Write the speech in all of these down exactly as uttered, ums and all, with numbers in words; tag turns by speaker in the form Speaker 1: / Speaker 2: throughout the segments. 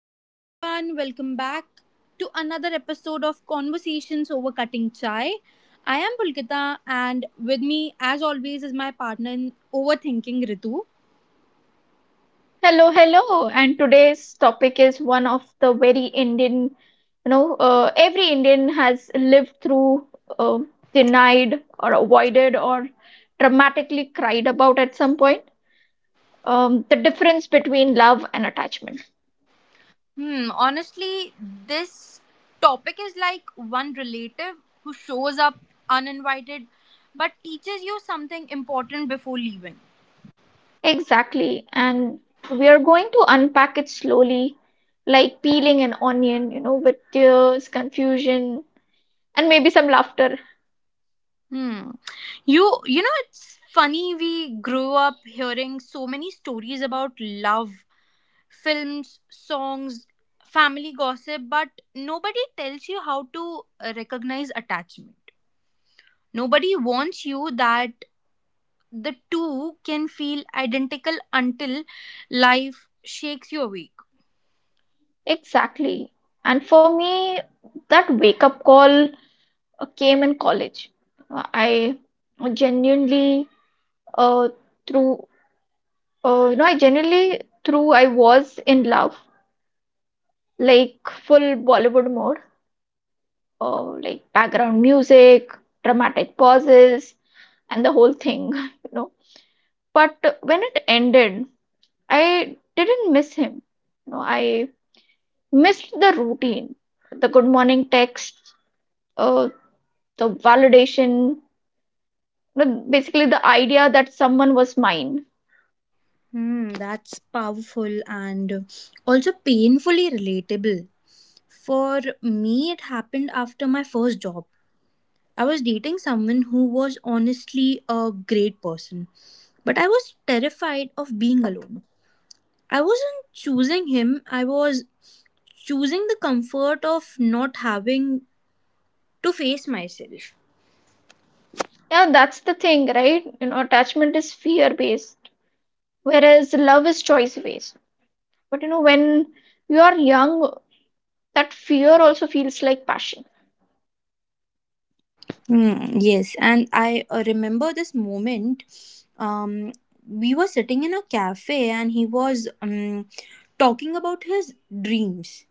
Speaker 1: Hello, everyone. Welcome back to another episode of Conversations Over Cutting Chai. I am Pulkita, and with me, as always, is my partner in overthinking, Ritu.
Speaker 2: Hello, hello. And today's topic is one of the very Indian, you know, uh, every Indian has lived through, uh, denied or avoided or dramatically cried about at some point. Um, the difference between love and attachment.
Speaker 1: Hmm, honestly, this topic is like one relative who shows up uninvited but teaches you something important before leaving.
Speaker 2: Exactly. And we are going to unpack it slowly, like peeling an onion, you know, with tears, confusion, and maybe some laughter.
Speaker 1: Hmm. You you know it's funny, we grew up hearing so many stories about love, films, songs, family gossip, but nobody tells you how to uh, recognize attachment. Nobody warns you that the two can feel identical until life shakes you awake.
Speaker 2: Exactly. And for me, that wake up call uh, came in college. Uh, I genuinely uh, through uh, you know I genuinely through I was in love, like full Bollywood mode, uh, like background music, dramatic pauses, and the whole thing you know. But when it ended, I didn't miss him. You know, I missed the routine, the good morning text, uh, the validation, you know, basically the idea that someone was mine.
Speaker 1: Hmm, that's powerful and also painfully relatable. For me, it happened after my first job. I was dating someone who was honestly a great person, but I was terrified of being alone. I wasn't choosing him, I was choosing the comfort of not having to face myself.
Speaker 2: Yeah, that's the thing, right? You know, attachment is fear based, whereas love is choice based. But you know, when you are young, that fear also feels like passion.
Speaker 1: Hmm, yes, and I uh, remember this moment. Um, we were sitting in a cafe, and he was um, talking about his dreams,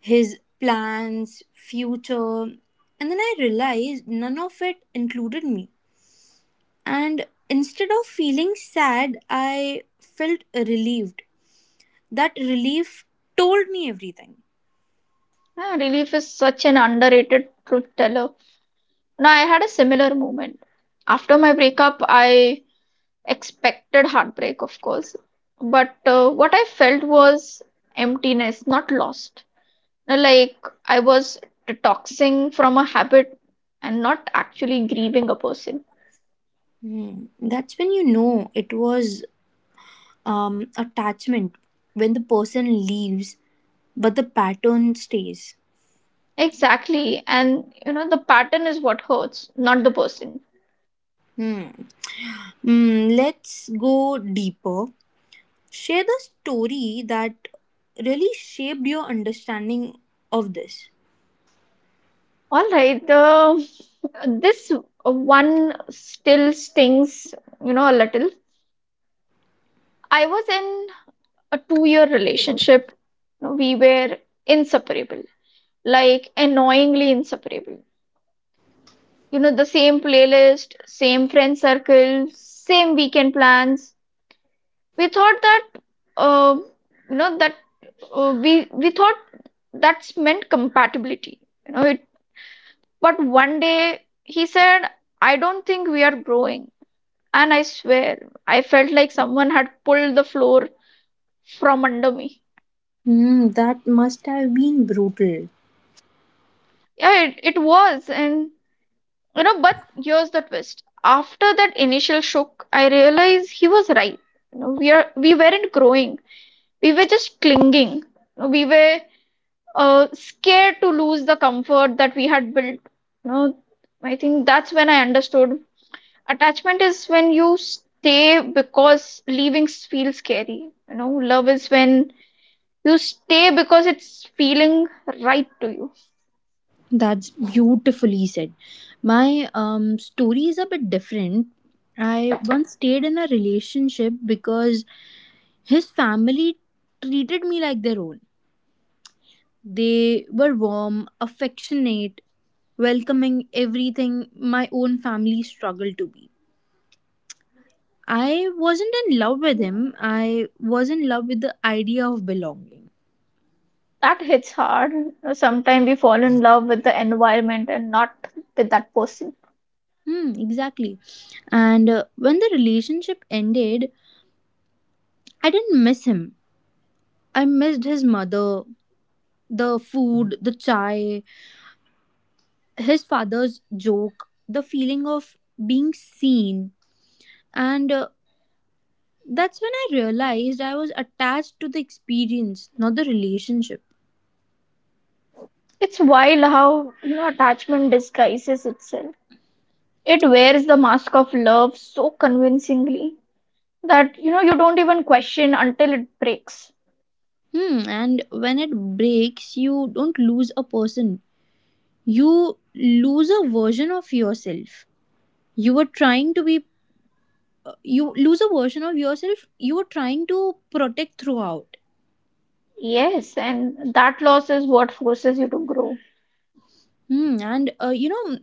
Speaker 1: his plans, future. And then I realized none of it included me. And instead of feeling sad, I felt relieved. That relief told me everything.
Speaker 2: Yeah, relief is such an underrated truth teller. Now, I had a similar moment. After my breakup, I expected heartbreak, of course. But uh, what I felt was emptiness, not lost. Now, like I was detoxing from a habit and not actually grieving a person.
Speaker 1: Hmm. That's when you know it was um, attachment. When the person leaves, but the pattern stays.
Speaker 2: Exactly. And you know, the pattern is what hurts, not the person.
Speaker 1: Hmm. Mm, let's go deeper. Share the story that really shaped your understanding of this.
Speaker 2: All right. Uh, this one still stings, you know, a little. I was in a two year relationship. You know, We were inseparable, like annoyingly inseparable. You know, the same playlist, same friend circle, same weekend plans. We thought that, uh, you know, that uh, we we thought that's meant compatibility. You know, it But one day he said, "I don't think we are growing." And I swear, I felt like someone had pulled the floor from under me.
Speaker 1: Hmm. That must have been brutal.
Speaker 2: Yeah, it, it was. And, you know, but here's the twist. After that initial shock, I realized he was right. You know, we are we weren't growing. We were just clinging. You know, we were uh, scared to lose the comfort that we had built. You know, I think that's when I understood. Attachment is when you stay because leaving feels scary. You know, love is when you stay because it's feeling right to you.
Speaker 1: That's beautifully said. My um, story is a bit different. I once stayed in a relationship because his family treated me like their own. They were warm, affectionate, welcoming, everything my own family struggled to be. I wasn't in love with him, I was in love with the idea of belonging.
Speaker 2: That hits hard. Sometimes we fall in love with the environment and not with that person.
Speaker 1: Hmm, exactly. And uh, when the relationship ended, I didn't miss him. I missed his mother, the food, the chai, his father's joke, the feeling of being seen. And uh, that's when I realized I was attached to the experience, not the relationship.
Speaker 2: It's wild how you know attachment disguises itself. It wears the mask of love so convincingly that you know you don't even question until it breaks.
Speaker 1: Hmm, and when it breaks, you don't lose a person. You lose a version of yourself you were trying to be, uh, you lose a version of yourself you were trying to protect throughout.
Speaker 2: Yes, and that loss is what forces you to grow.
Speaker 1: Hmm, and uh, you know,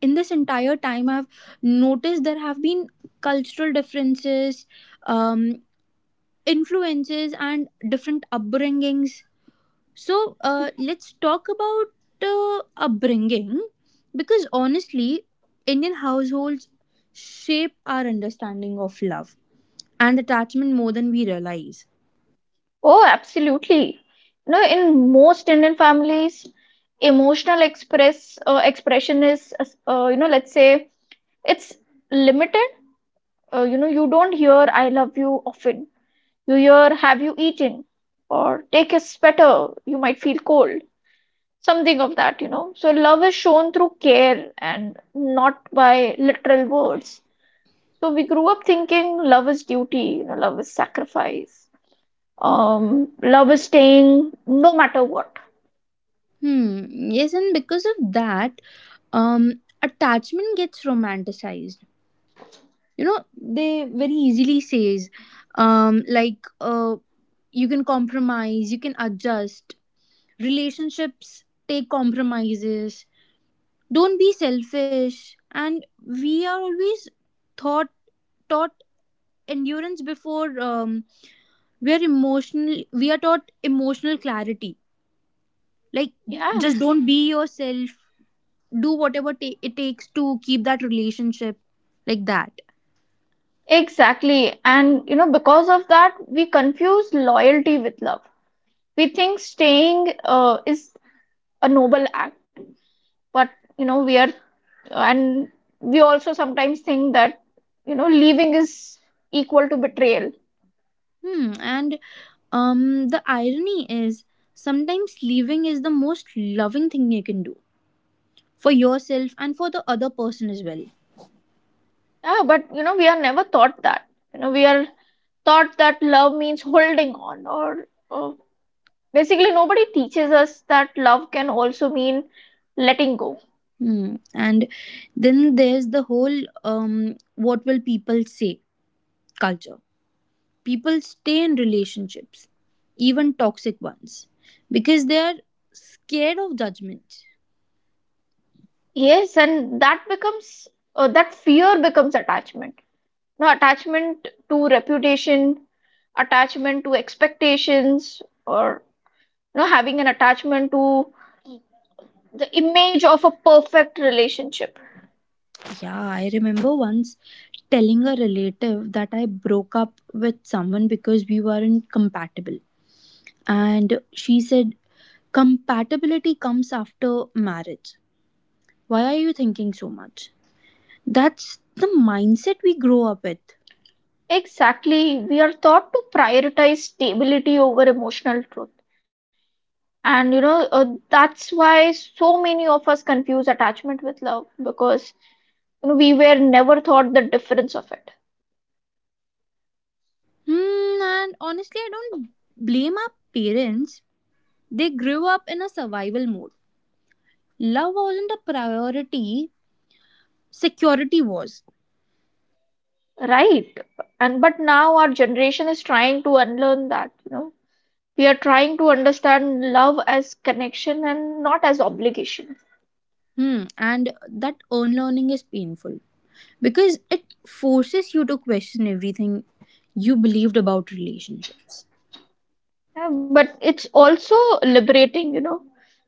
Speaker 1: in this entire time I've noticed there have been cultural differences, um, influences and different upbringings, so uh, let's talk about uh, upbringing, because honestly Indian households shape our understanding of love and attachment more than we realize.
Speaker 2: Oh, absolutely. You know, in most Indian families, emotional express uh, expression is, uh, you know, let's say it's limited. Uh, you know, you don't hear "I love you" often. You hear "Have you eaten?" or "Take a sweater. You might feel cold." Something of that, you know. So love is shown through care and not by literal words. So we grew up thinking love is duty, you know, love is sacrifice. Um, love is staying no matter what.
Speaker 1: hmm yes, and because of that, um attachment gets romanticized. You know, they very easily says, um like uh you can compromise, you can adjust. Relationships take compromises, don't be selfish. And we are always thought taught endurance before, um we are emotional we are taught emotional clarity. Like,
Speaker 2: Yeah,
Speaker 1: just don't be yourself, do whatever ta- it takes to keep that relationship, like that.
Speaker 2: exactly. And you know, because of that, we confuse loyalty with love. We think staying uh, is a noble act, but you know, we are, and we also sometimes think that you know, leaving is equal to betrayal.
Speaker 1: Hmm, and um, the irony is sometimes leaving is the most loving thing you can do for yourself and for the other person as well.
Speaker 2: Yeah, but you know, we are never taught that. You know, we are taught that love means holding on, or uh, basically, nobody teaches us that love can also mean letting go.
Speaker 1: Hmm. And then there's the whole um, what will people say culture. People stay in relationships, even toxic ones, because they're scared of judgment.
Speaker 2: Yes, and that becomes uh, that fear becomes attachment. No, attachment to reputation, attachment to expectations, or you know, having an attachment to the image of a perfect relationship.
Speaker 1: Yeah, I remember once telling a relative that I broke up with someone because we weren't compatible. And she said, compatibility comes after marriage. Why are you thinking so much? That's the mindset we grow up with.
Speaker 2: Exactly, we are taught to prioritize stability over emotional truth. And you know, uh, that's why so many of us confuse attachment with love because you know, we were never taught the difference of it.
Speaker 1: Hmm, and honestly, I don't blame our parents. They grew up in a survival mode. Love wasn't a priority, security was.
Speaker 2: Right. And but now our generation is trying to unlearn that, you know. We are trying to understand love as connection and not as obligation.
Speaker 1: Hmm, and that unlearning is painful because it forces you to question everything you believed about relationships.
Speaker 2: Yeah, but it's also liberating, you know,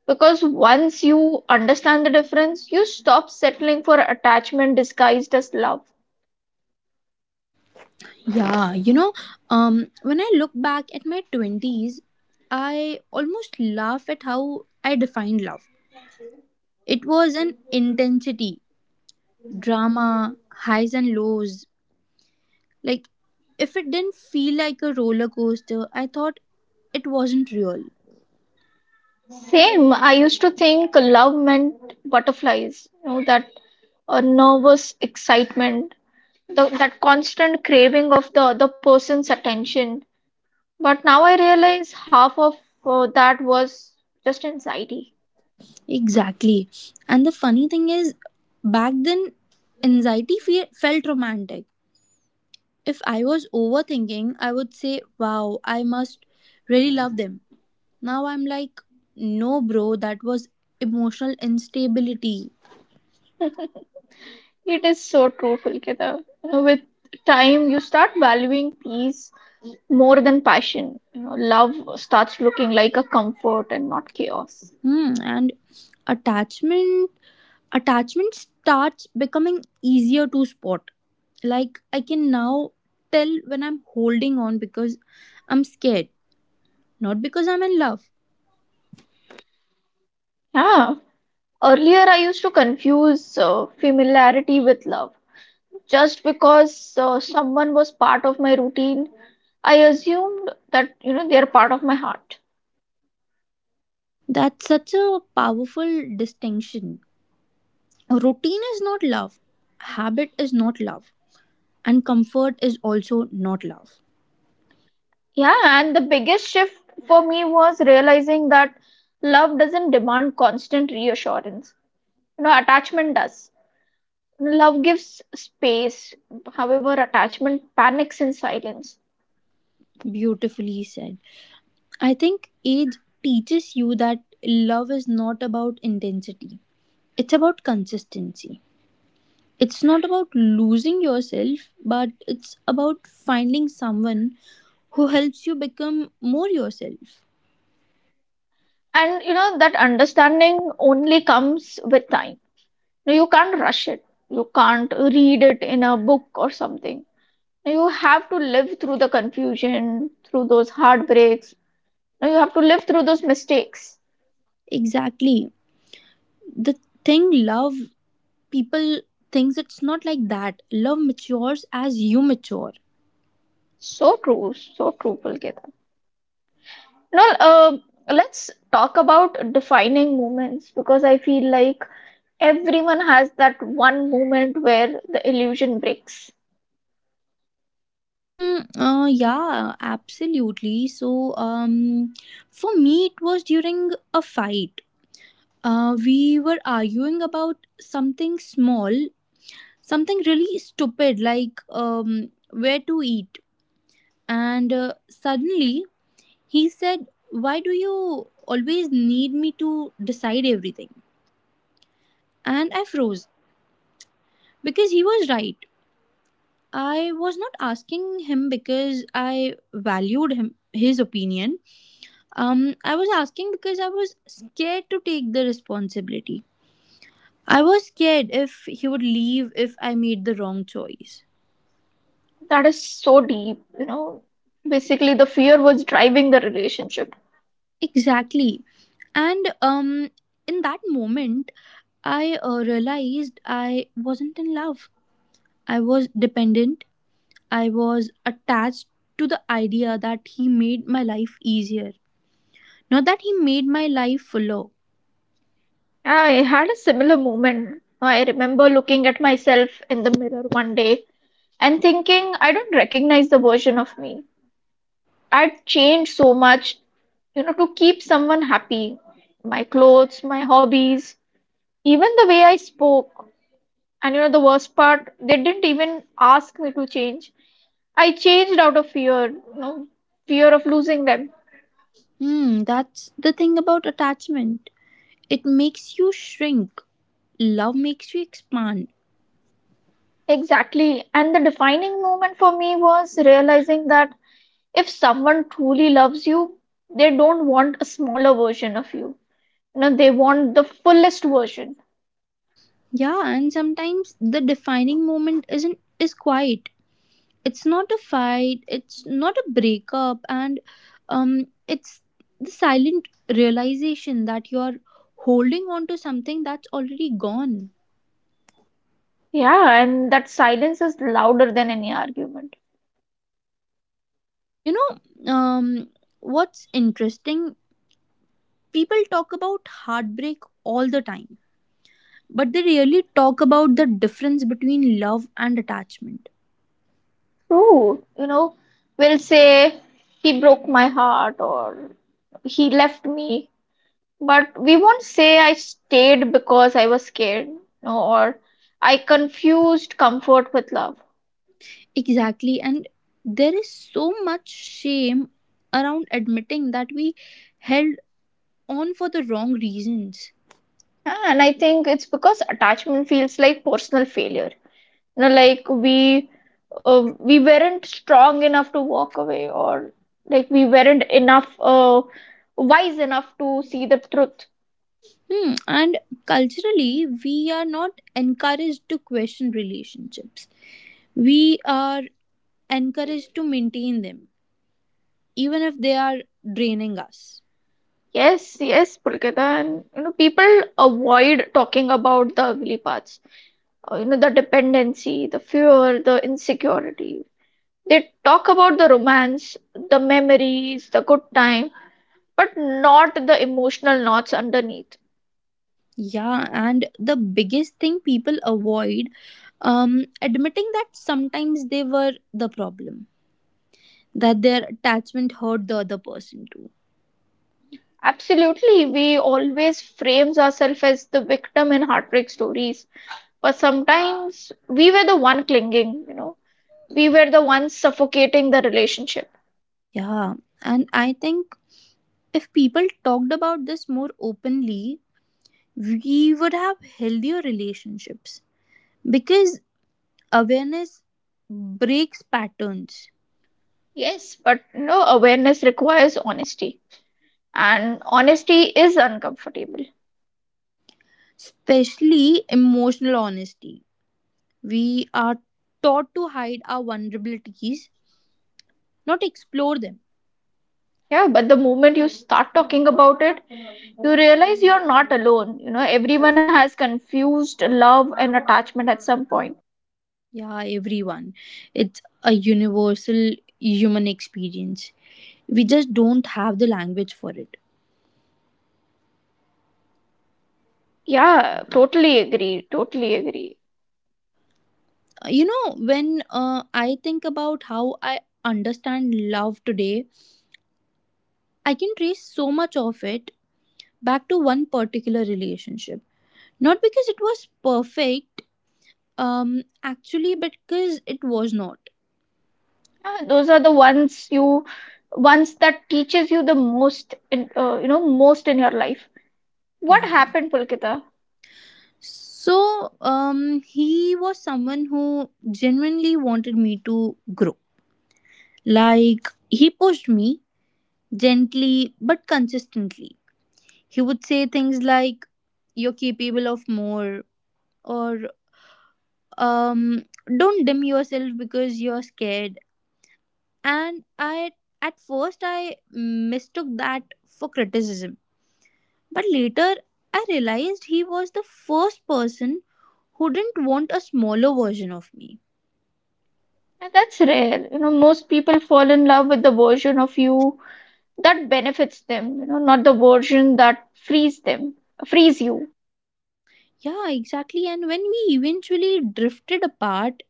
Speaker 2: because once you understand the difference, you stop settling for attachment disguised as love.
Speaker 1: Yeah, you know, um, when I look back at my twenties, I almost laugh at how I defined love. It was an intensity, drama, highs and lows. Like, if it didn't feel like a roller coaster, I thought it wasn't real.
Speaker 2: Same, I used to think love meant butterflies, you know, that a nervous excitement, the, that constant craving of the other person's attention. But now I realize half of uh, that was just anxiety.
Speaker 1: Exactly. And the funny thing is, back then, anxiety fe- felt romantic. If I was overthinking, I would say, wow, I must really love them. Now I'm like, no, bro, that was emotional instability.
Speaker 2: It is so true, Pulkita. You know, with time, you start valuing peace more than passion. You know, love starts looking like a comfort and not chaos.
Speaker 1: Hmm. And attachment attachment starts becoming easier to spot. Like I can now tell when I'm holding on because I'm scared, not because I'm in love.
Speaker 2: Yeah. Earlier, I used to confuse uh, familiarity with love. Just because uh, someone was part of my routine, I assumed that, you know, they are part of my heart.
Speaker 1: That's such a powerful distinction. Routine is not love. Habit is not love. And comfort is also not love.
Speaker 2: Yeah, and the biggest shift for me was realizing that love doesn't demand constant reassurance. You know, attachment does. Love gives space, however, attachment panics in silence.
Speaker 1: Beautifully said. I think age teaches you that love is not about intensity, it's about consistency. It's not about losing yourself, but it's about finding someone who helps you become more yourself.
Speaker 2: And you know, that understanding only comes with time. You can't rush it, you can't read it in a book or something. You have to live through the confusion, through those heartbreaks. You have to live through those mistakes.
Speaker 1: Exactly. The thing love, people thinks it's not like that. Love matures as you mature.
Speaker 2: So true, so true, Pulkit. No, uh, let's talk about defining moments because I feel like everyone has that one moment where the illusion breaks.
Speaker 1: Mm, uh, yeah, absolutely. So, um, for me, it was during a fight. Uh, we were arguing about something small, something really stupid, like um, where to eat. And uh, suddenly he said, why do you always need me to decide everything? And I froze because he was right. I was not asking him because I valued him his opinion. Um, I was asking because I was scared to take the responsibility. I was scared if he would leave if I made the wrong choice.
Speaker 2: That is so deep, you know. Basically, the fear was driving the relationship.
Speaker 1: Exactly. And um, in that moment, I uh, realized I wasn't in love. I was dependent. I was attached to the idea that he made my life easier. Not that he made my life fuller.
Speaker 2: I had a similar moment. I remember looking at myself in the mirror one day and thinking, "I don't recognize the version of me." I'd changed so much, you know, to keep someone happy. My clothes, my hobbies, even the way I spoke. And you know the worst part, they didn't even ask me to change. I changed out of fear, you know, fear of losing them.
Speaker 1: Hmm, that's the thing about attachment. It makes you shrink. Love makes you expand.
Speaker 2: Exactly. And the defining moment for me was realizing that if someone truly loves you, they don't want a smaller version of you. You know, they want the fullest version.
Speaker 1: Yeah, and sometimes the defining moment isn't is quiet. It's not a fight, it's not a breakup, and um it's the silent realization that you're holding on to something that's already gone.
Speaker 2: Yeah, and that silence is louder than any argument.
Speaker 1: You know, um what's interesting, people talk about heartbreak all the time, but they really talk about the difference between love and attachment.
Speaker 2: True. You know, we'll say he broke my heart or he left me. But we won't say I stayed because I was scared, no, or I confused comfort with love.
Speaker 1: Exactly, and there is so much shame around admitting that we held on for the wrong reasons.
Speaker 2: Yeah, and I think it's because attachment feels like personal failure. You know, like we uh, we weren't strong enough to walk away, or like we weren't enough uh, wise enough to see the truth.
Speaker 1: Hmm. And culturally, we are not encouraged to question relationships. We are encouraged to maintain them, even if they are draining us.
Speaker 2: Yes, yes, Pulkita, and you know, people avoid talking about the ugly parts. Uh, you know, the dependency, the fear, the insecurity. They talk about the romance, the memories, the good time, but not the emotional knots underneath.
Speaker 1: Yeah, and the biggest thing people avoid, um, admitting that sometimes they were the problem, that their attachment hurt the other person too.
Speaker 2: Absolutely, we always frames ourselves as the victim in heartbreak stories, but sometimes we were the one clinging, you know, we were the ones suffocating the relationship.
Speaker 1: Yeah, and I think if people talked about this more openly, we would have healthier relationships because awareness breaks patterns,
Speaker 2: Yes, but no awareness requires honesty, and honesty is uncomfortable.
Speaker 1: especially emotional honesty. We are taught to hide our vulnerabilities, not explore them.
Speaker 2: Yeah, but the moment you start talking about it, you realize you're not alone. You know, everyone has confused love and attachment at some point.
Speaker 1: Yeah, everyone. It's a universal human experience. We just don't have the language for it.
Speaker 2: Yeah, totally agree. Totally agree.
Speaker 1: Uh, You know, when uh, I think about how I understand love today, I can trace so much of it back to one particular relationship. Not because it was perfect. Um, actually, because it was not.
Speaker 2: Yeah, those are the ones you ones that teaches you the most in uh, you know most in your life. What
Speaker 1: Yeah.
Speaker 2: happened, Pulkita?
Speaker 1: So, um, he was someone who genuinely wanted me to grow. Like, he pushed me gently but consistently. He would say things like, you're capable of more, or um, don't dim yourself because you're scared. And I, at first, I mistook that for criticism. But later, I realized he was the first person who didn't want a smaller version of me.
Speaker 2: And That's rare. You know, most people fall in love with the version of you that benefits them. You know, not the version that frees them, frees you.
Speaker 1: Yeah, exactly. And when we eventually drifted apart,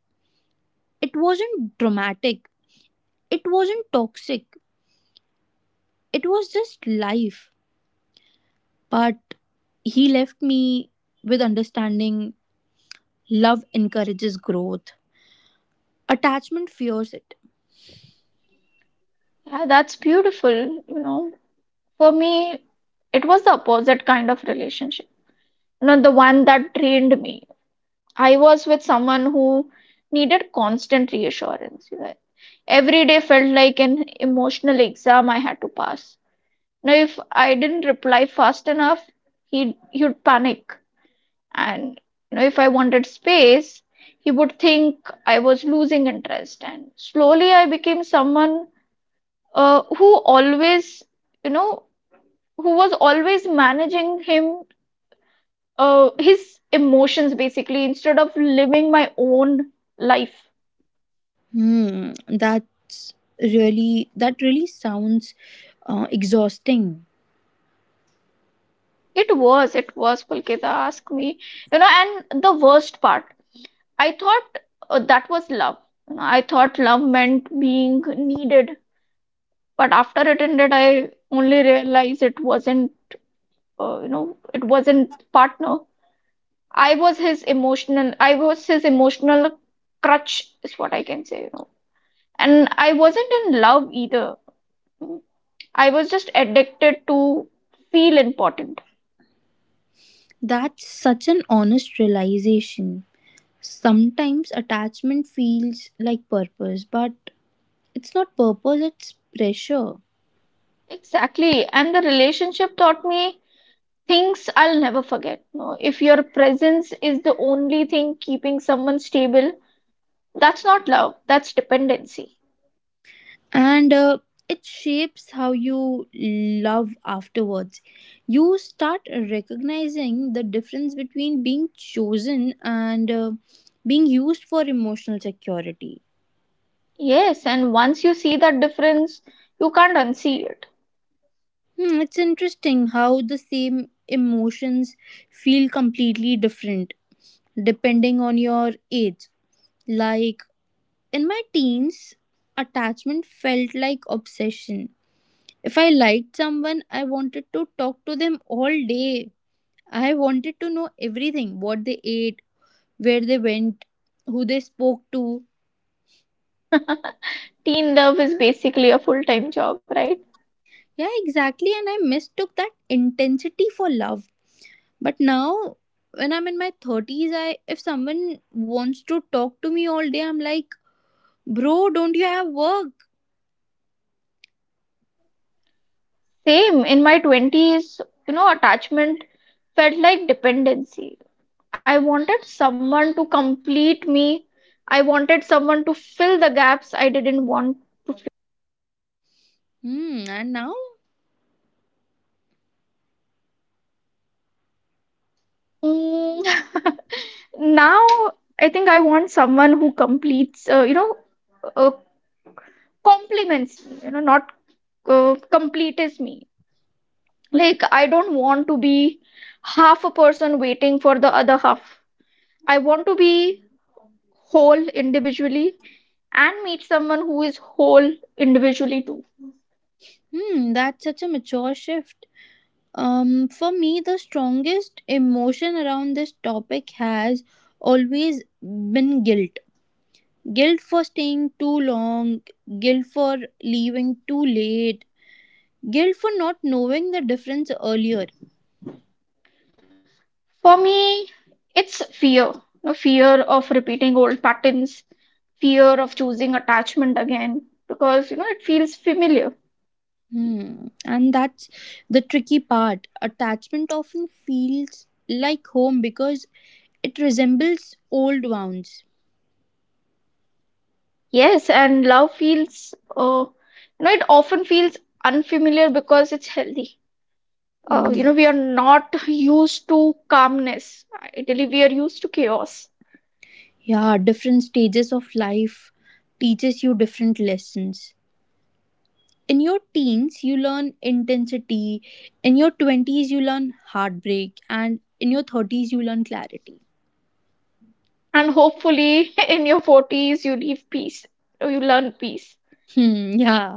Speaker 1: it wasn't dramatic, it wasn't toxic, it was just life. But he left me with understanding love encourages growth, attachment fears it.
Speaker 2: Yeah, that's beautiful. You know, For me, it was the opposite kind of relationship. You know, the one that drained me. I was with someone who needed constant reassurance. you know. Every day felt like an emotional exam I had to pass. Now, if I didn't reply fast enough, he'd, he'd panic. And you know, if I wanted space, he would think I was losing interest. And slowly I became someone uh, who always, you know, who was always managing him, uh, his emotions basically instead of living my own life.
Speaker 1: Hmm, that's really, that really sounds uh, exhausting.
Speaker 2: It was, it was, Pulkita, ask me. You know, and the worst part, I thought uh, that was love. You know, I thought love meant being needed, but after it ended, I only realized it wasn't, uh, you know, it wasn't partner. I was his emotional, I was his emotional crutch, is what I can say, you know. And I wasn't in love either. I was just addicted to feel important.
Speaker 1: That's such an honest realization. Sometimes attachment feels like purpose, but it's not purpose, it's pressure.
Speaker 2: Exactly. And the relationship taught me things I'll never forget. No, if your presence is the only thing keeping someone stable, that's not love, that's dependency.
Speaker 1: And uh, it shapes how you love afterwards. You start recognizing the difference between being chosen and uh, being used for emotional security.
Speaker 2: Yes, and once you see that difference, you can't unsee it.
Speaker 1: Hmm, it's interesting how the same emotions feel completely different depending on your age. Like, in my teens, attachment felt like obsession. If I liked someone, I wanted to talk to them all day. I wanted to know everything, what they ate, where they went, who they spoke to.
Speaker 2: Teen love is basically a full time job, right?
Speaker 1: Yeah, exactly. And I mistook that intensity for love. But now, when I'm in my thirties, I if someone wants to talk to me all day, I'm like, bro, don't you have work?
Speaker 2: Same in my twenties, you know, attachment felt like dependency. I wanted someone to complete me. I wanted someone to fill the gaps I didn't want.
Speaker 1: Hmm, and now?
Speaker 2: Mm, Now I think I want someone who completes, uh, you know, uh, complements me, you know, not uh, completes me. Like, I don't want to be half a person waiting for the other half. I want to be whole individually and meet someone who is whole individually too.
Speaker 1: Hmm, that's such a mature shift. Um, for me, the strongest emotion around this topic has always been guilt. Guilt for staying too long, guilt for leaving too late, guilt for not knowing the difference earlier.
Speaker 2: For me, it's fear, a fear of repeating old patterns, fear of choosing attachment again, because you know it feels familiar.
Speaker 1: Hmm. And that's the tricky part. Attachment often feels like home because it resembles old wounds.
Speaker 2: Yes, and love feels, uh, you know, it often feels unfamiliar because it's healthy. Uh, you know,
Speaker 1: Mm.
Speaker 2: we are not used to calmness. Ideally, we are used to chaos.
Speaker 1: Yeah, different stages of life teaches you different lessons. In your teens you learn intensity, in your twenties you learn heartbreak, and in your thirties you learn clarity.
Speaker 2: And hopefully, in your forties, you leave peace, you learn peace.
Speaker 1: hmm yeah.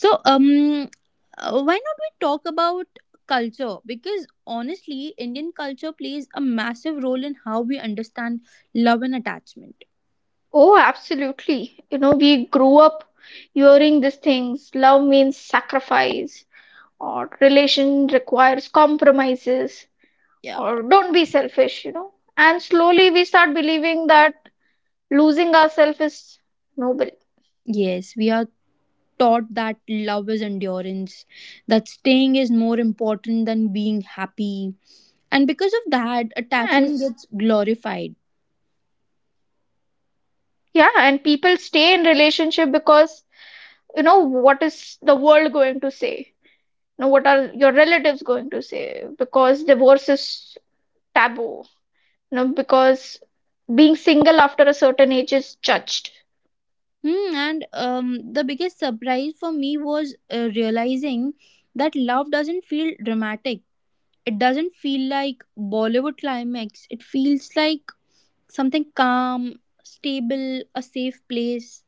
Speaker 1: So um uh, why not we talk about culture, because honestly Indian culture plays a massive role in how we understand love and attachment.
Speaker 2: Oh, absolutely. You know, we grew up hearing these things. Love means sacrifice, or relation requires compromises,
Speaker 1: yeah
Speaker 2: or don't be selfish, you know. And slowly we start believing that losing ourselves is noble.
Speaker 1: yes, we are taught that love is endurance, that staying is more important than being happy, and because of
Speaker 2: And
Speaker 1: that attachment gets glorified.
Speaker 2: yeah, and people stay in relationship because, you know, what is the world going to say? You know, what are your relatives going to say? Because divorce is taboo you know, because being single after a certain age is judged.
Speaker 1: Hmm, and um, the biggest surprise for me was uh, realizing that love doesn't feel dramatic. It doesn't feel like Bollywood climax. It feels like something calm, stable, a safe place.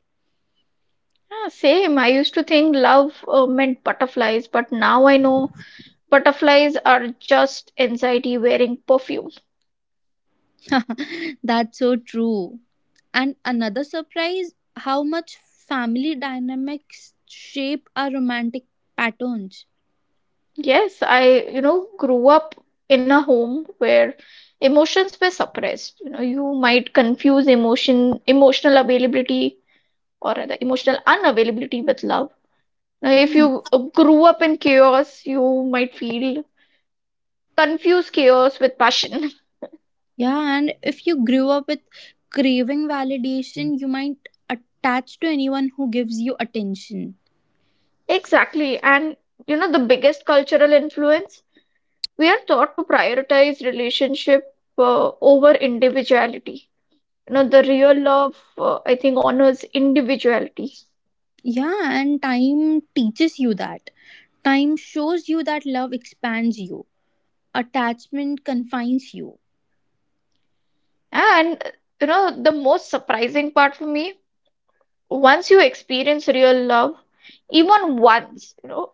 Speaker 2: Yeah, same. I used to think love uh, meant butterflies, but now I know butterflies are just anxiety wearing perfume.
Speaker 1: That's so true. And another surprise, how much family dynamics shape our romantic patterns.
Speaker 2: Yes, I, you know, grew up in a home where emotions were suppressed. You know, you might confuse emotion, emotional availability, or rather emotional unavailability with love. Now, if
Speaker 1: Mm.
Speaker 2: you uh, grew up in chaos, you might feel confuse chaos with passion.
Speaker 1: Yeah, and if you grew up with craving validation, you might attach to anyone who gives you attention.
Speaker 2: Exactly. And you know, the biggest cultural influence, we are taught to prioritize relationship uh, over individuality. You know, the real love, uh, I think, honors individuality.
Speaker 1: Yeah, and time teaches you that. Time shows you that love expands you, attachment confines you.
Speaker 2: And uh, you know, the most surprising part for me, once you experience real love, even once, you know,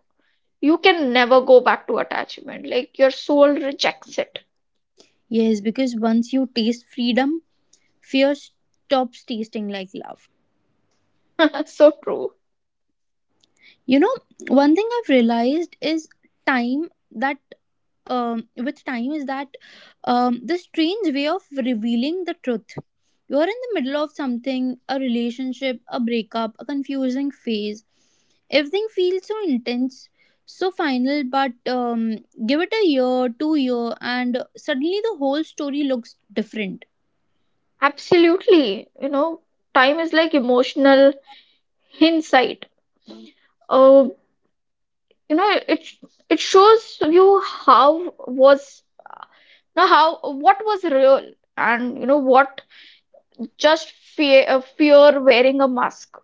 Speaker 2: you can never go back to attachment. Like your soul rejects it.
Speaker 1: Yes, because once you taste freedom, fear stops tasting like love.
Speaker 2: So true.
Speaker 1: You know, one thing I've realized is time that um, with time is that um, the strange way of revealing the truth. You're in the middle of something, a relationship, a breakup, a confusing phase. Everything feels so intense, so final, but um, give it a year, two year, and suddenly the whole story looks different.
Speaker 2: Absolutely. You know, time is like emotional hindsight. Uh, you know it's it shows you how was now how what was real and you know what just fear uh, fear wearing a mask.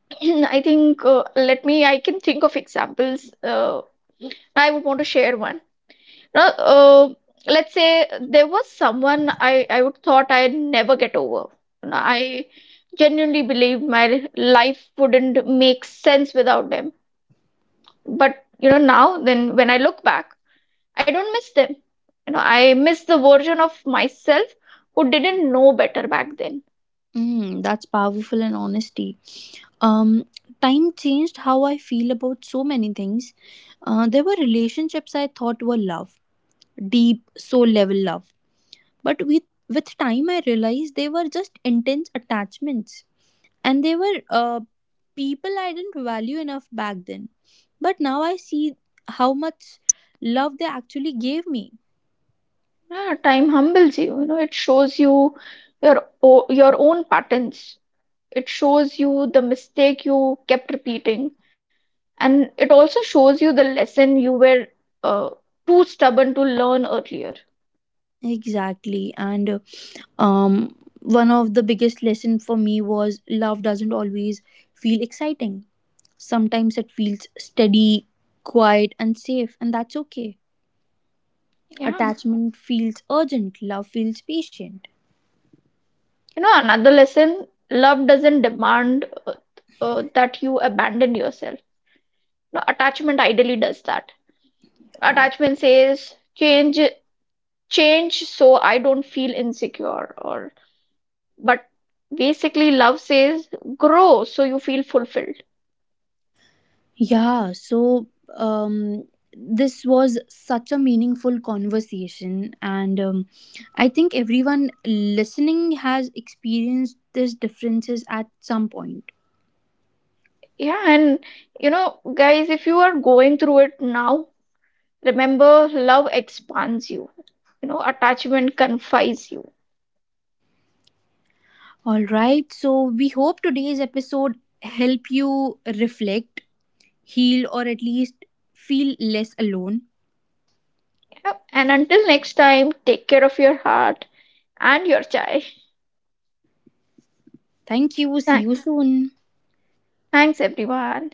Speaker 2: I think, uh, let me I can think of examples. uh, I would want to share one. Now, uh, let's say there was someone i i would thought I'd never get over. You know, i genuinely believe my life wouldn't make sense without them, but you know now then when I look back. I don't miss them. You know, I miss the version of myself who didn't know better back then.
Speaker 1: Mm, that's powerful and honesty. Um, time changed how I feel about so many things. Uh, there were relationships I thought were love, deep soul level love. But with with time, I realized they were just intense attachments, and they were uh, people I didn't value enough back then. But now I see how much love they actually gave me.
Speaker 2: Yeah, time humbles you. You know, it shows you your o- your own patterns. It shows you the mistake you kept repeating, and it also shows you the lesson you were uh, too stubborn to learn earlier.
Speaker 1: Exactly, and uh, um one of the biggest lesson for me was love doesn't always feel exciting, sometimes it feels steady, quiet and safe, and that's okay.
Speaker 2: Yeah,
Speaker 1: Attachment feels urgent, love feels patient.
Speaker 2: you know, another lesson: love doesn't demand uh, uh, that you abandon yourself. No, attachment ideally does that. Attachment says change change so I don't feel insecure or but basically love says grow so you feel fulfilled.
Speaker 1: Yeah, so um, this was such a meaningful conversation, and um, I think everyone listening has experienced these differences at some point.
Speaker 2: Yeah, and you know, guys, if you are going through it now, remember love expands you, you know, attachment confines you.
Speaker 1: All right, so we hope today's episode help you reflect, heal, or at least feel less alone.
Speaker 2: Yeah. And until next time, take care of your heart and your child.
Speaker 1: Thank you. See
Speaker 2: Thank-
Speaker 1: you soon.
Speaker 2: Thanks, everyone.